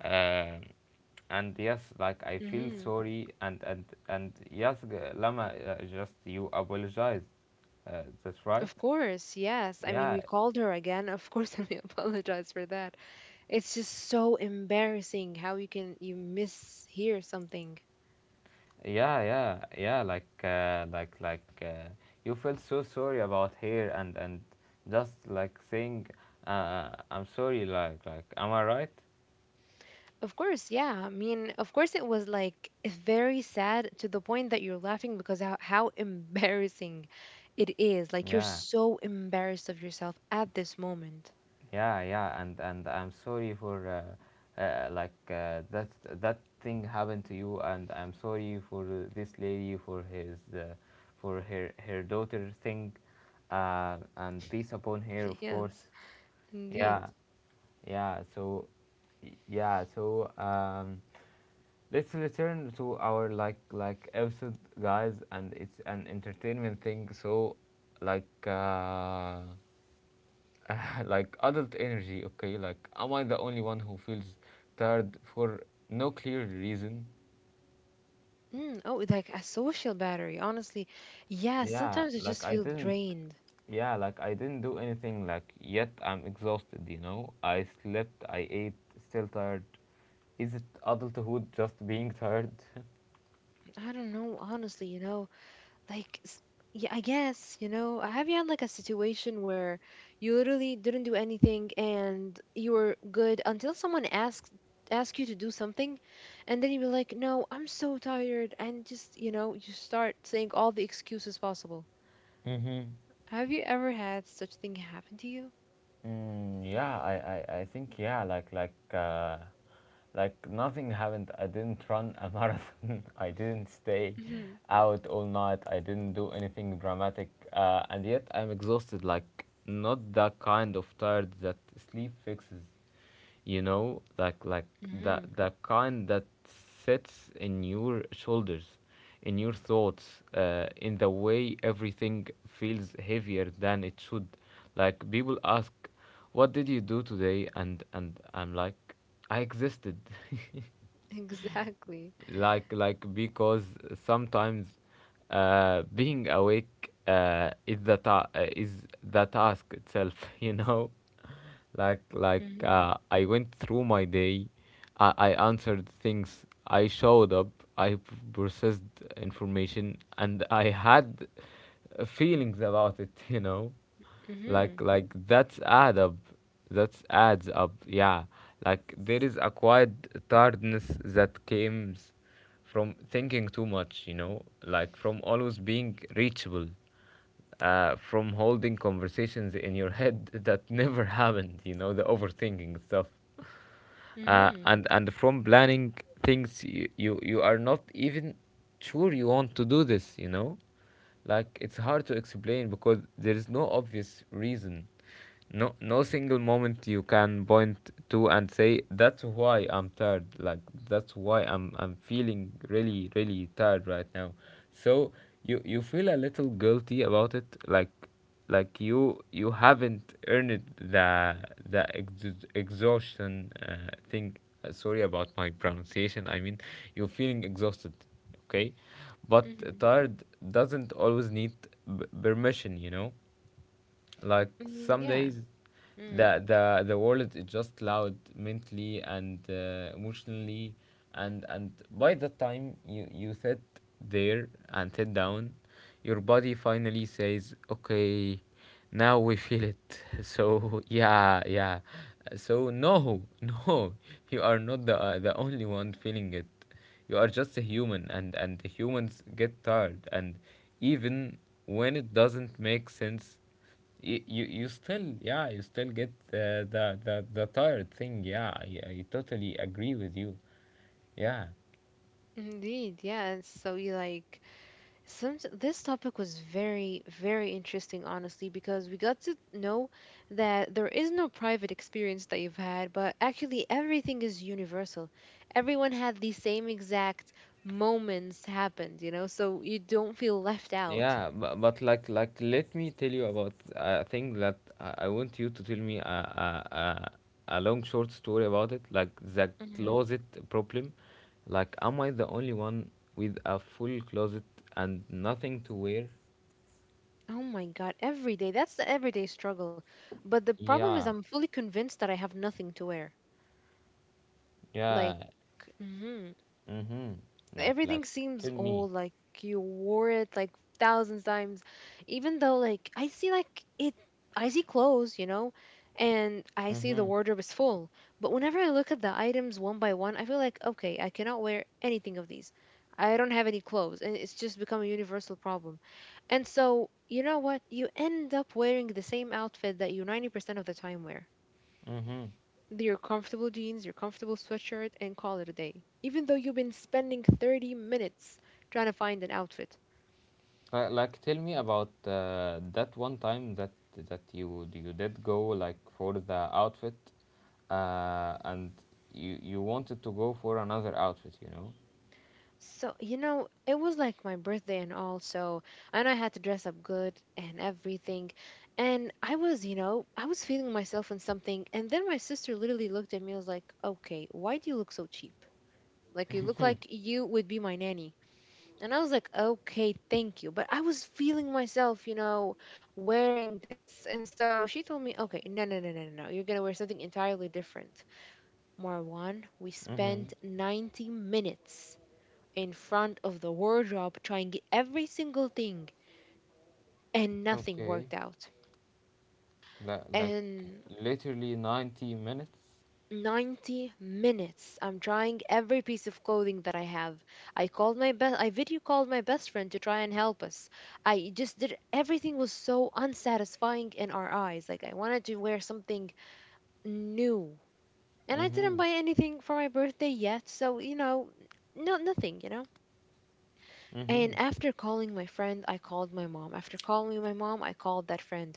Um, and yes, like, I feel
Hmm
sorry, and yes, lama, just you apologize, that's right,
Of course, yes. I mean,
yeah
we called her again. Of course, and we apologize for that. It's just so embarrassing how you can you mishear something.
yeah yeah yeah, like you feel so sorry about her and just like saying, I'm sorry, like am I right,
Of course, yeah. I mean, of course, it was like very sad to the point that you're laughing because how embarrassing it is. Like, you're
yeah.
so embarrassed of yourself at this moment.
Yeah, yeah, and I'm sorry for that that thing happened to you, and I'm sorry for this lady for his for her her daughter thing, and peace upon her, of course.
Yes, indeed.
Yeah, yeah. So, yeah. So, let's return to our episode, guys, and it's an entertainment thing. So, like. Like adult energy, okay? Like, am I the only one who feels tired for no clear reason?
Mm, oh, like a social battery, honestly. Yeah,
Yeah,
sometimes I
like
just
I
feel
didn't,
drained.
yeah, like I didn't do anything, like, yet I'm exhausted, you know? I slept, I ate, still tired. Is it adulthood just being tired?
I don't know, honestly, you know. like s- yeah, I guess, you know, have you had like a situation where you literally didn't do anything and you were good until someone ask you to do something, and then you were like, no, I'm so tired, and just, you know, you start saying all the excuses possible.
Mm-hmm.
Have you ever had such thing happen to you?
Mm, yeah, I think yeah, like nothing happened. I didn't run a marathon. I didn't stay
Hmm
out all night. I didn't do anything dramatic, and yet I'm exhausted. Like not the kind of tired that sleep fixes, you know, like the
hmm
the kind that sits in your shoulders, in your thoughts, in the way everything feels heavier than it should. Like people ask, "What did you do today?" and I'm like, "I existed."
Exactly.
Because sometimes being awake is the is the task itself. You know,
hmm
I went through my day. I answered things, I showed up, I processed information, and I had feelings about it. You know,
hmm
that's adds up, yeah. Like, there is a quiet tiredness that comes from thinking too much, you know, like from always being reachable, from holding conversations in your head that never happened, you know, the overthinking stuff, uh,
hmm
and and from planning things you are not even sure you want to do, this you know. Like, it's hard to explain because there is no obvious reason, no single moment you can point to and say that's why I'm tired. Like, that's why I'm feeling really really tired right now. So you feel a little guilty about it. You you haven't earned the exhaustion thing. Sorry about my pronunciation. I mean, you're feeling exhausted, okay, but
hmm
tired doesn't always need permission, you know. Like,
I mean,
some
yeah.
days
hmm
the world is just loud mentally and emotionally, and by the time you sit there and sit down, your body finally says okay, now we feel it. So yeah, yeah. So no, no, you are not the the only one feeling it. You are just a human, and humans get tired, and even when it doesn't make sense, you still, yeah, you still get the tired thing, yeah. I totally agree with you, yeah.
Indeed, yeah. And so you like some this topic was very, very interesting, honestly, because we got to know that there is no private experience that you've had, but actually everything is universal. Everyone had the same exact moments happened, you know, so you don't feel left out.
Yeah, but, let me tell you about a thing that I want you to tell me a a a long short story about, it, like the
Hmm
closet problem. Like, am I the only one with a full closet and nothing to wear?
Oh my God, every day. That's the everyday struggle. But the problem is,
Yeah,
I'm fully convinced that I have nothing to wear.
yeah.
Like, mhm.
Mhm. Like like
Everything seems
Tell me.
old, like you wore it like thousands times, even though like I see like it, I see clothes, you know, and I see the
Mhm.
wardrobe is full, but whenever I look at the items one by one I feel like, okay, I cannot wear anything of these. I don't have any clothes, and it's just become a universal problem. And so you know what, you end up wearing the same outfit that you 90% of the time wear,
Mhm.
your comfortable jeans, your comfortable sweatshirt, and call it a day. Even though you've been spending 30 minutes trying to find an outfit.
Like, tell me about that one time that you did go like for the outfit, and you wanted to go for another outfit, you know?
So, you know, it was like my birthday and all, so, and I had to dress up good and everything. And I was, you know, I was feeling myself in something. And then my sister literally looked at me and was like, okay, why do you look so cheap? Like, you look like you would be my nanny. And I was like, okay, thank you. But I was feeling myself, you know, wearing this. And so she told me, okay, no, no, no, no, no, no. You're going to wear something entirely different. Marwan, we
Mm-hmm.
spent 90 minutes in front of the wardrobe trying every single thing, and nothing
Okay.
worked out.
Like like
And
Literally 90 minutes.
90 minutes. I'm trying every piece of clothing that I have. I called my best I video called my best friend to try and help us. I just did everything was so unsatisfying in our eyes. Like I wanted to wear something new. And I
Mm-hmm.
didn't buy anything for my birthday yet, so you know, no nothing, you know.
Mm-hmm.
And after calling my friend, I called my mom. After calling my mom, I called that friend.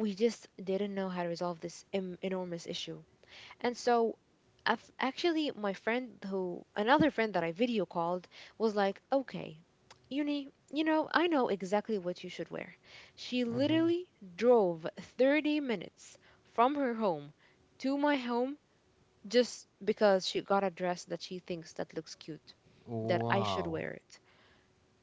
We just didn't know how to resolve this enormous issue. And so, I've, actually, my friend who, another friend that I video called, was like, okay, Uni, you know, I know exactly what you should wear. She
Mm-hmm.
literally drove 30 minutes from her home to my home just because she got a dress that she thinks that looks cute, that I should
Wow.
wear it.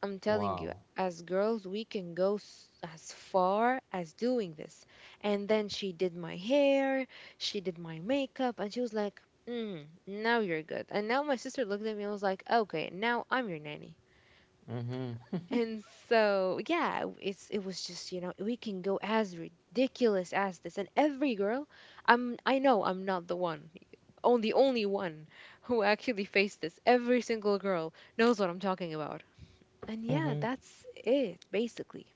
I'm telling you,
Wow.
as girls, we can go as far as doing this. And then she did my hair, she did my makeup, and she was like, mm, now you're good. And now my sister looked at me and was like, okay, now I'm your nanny.
Mm-hmm.
And so, yeah, it was just, you know, we can go as ridiculous as this. And every girl, I'm I know I'm not the one, on the only one who actually faced this. Every single girl knows what I'm talking about. And yeah,
Mm-hmm.
that's it basically.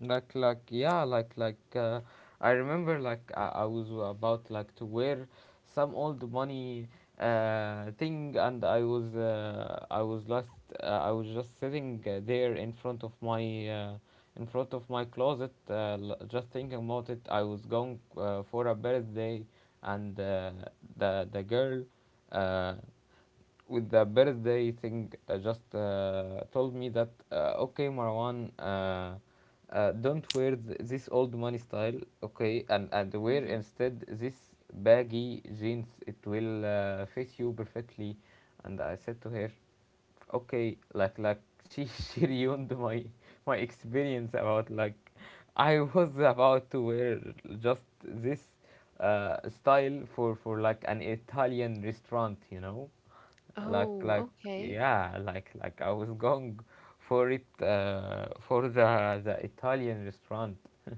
like like yeah like like uh, I remember, like, I was about like to wear some old money thing, and I was I was last I was just sitting there in front of my in front of my closet. Just thinking about it, I was going for a birthday, and the girl uh, with the birthday thing just told me that, okay, Marwan. Don't wear this old money style, okay, and wear
Hmm
instead this baggy jeans. It will fit you perfectly. And I said to her, okay. She she ruined my my experience. About like, I was about to wear just this style for like an Italian restaurant, you know. like
Oh,
like
okay.
I was going for it, for the Italian restaurant.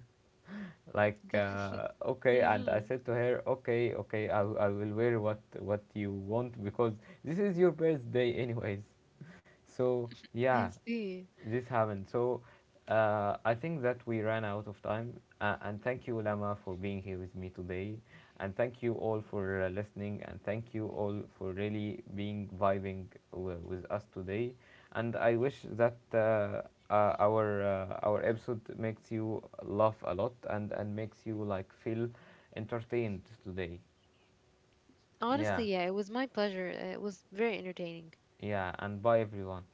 Like,
That,
okay, and I
hmm
said to her, okay, okay, I will wear what you want because this is your birthday anyways. So yeah,
I see.
this happened. So, I think that we ran out of time. And thank you, Lama, for being here with me today. And thank you all for listening. And thank you all for really being vibing with us today. And I wish that our episode makes you laugh a lot and makes you like feel entertained today. Yeah,
Honestly, yeah, it was my pleasure. It was very entertaining.
yeah. And bye, everyone.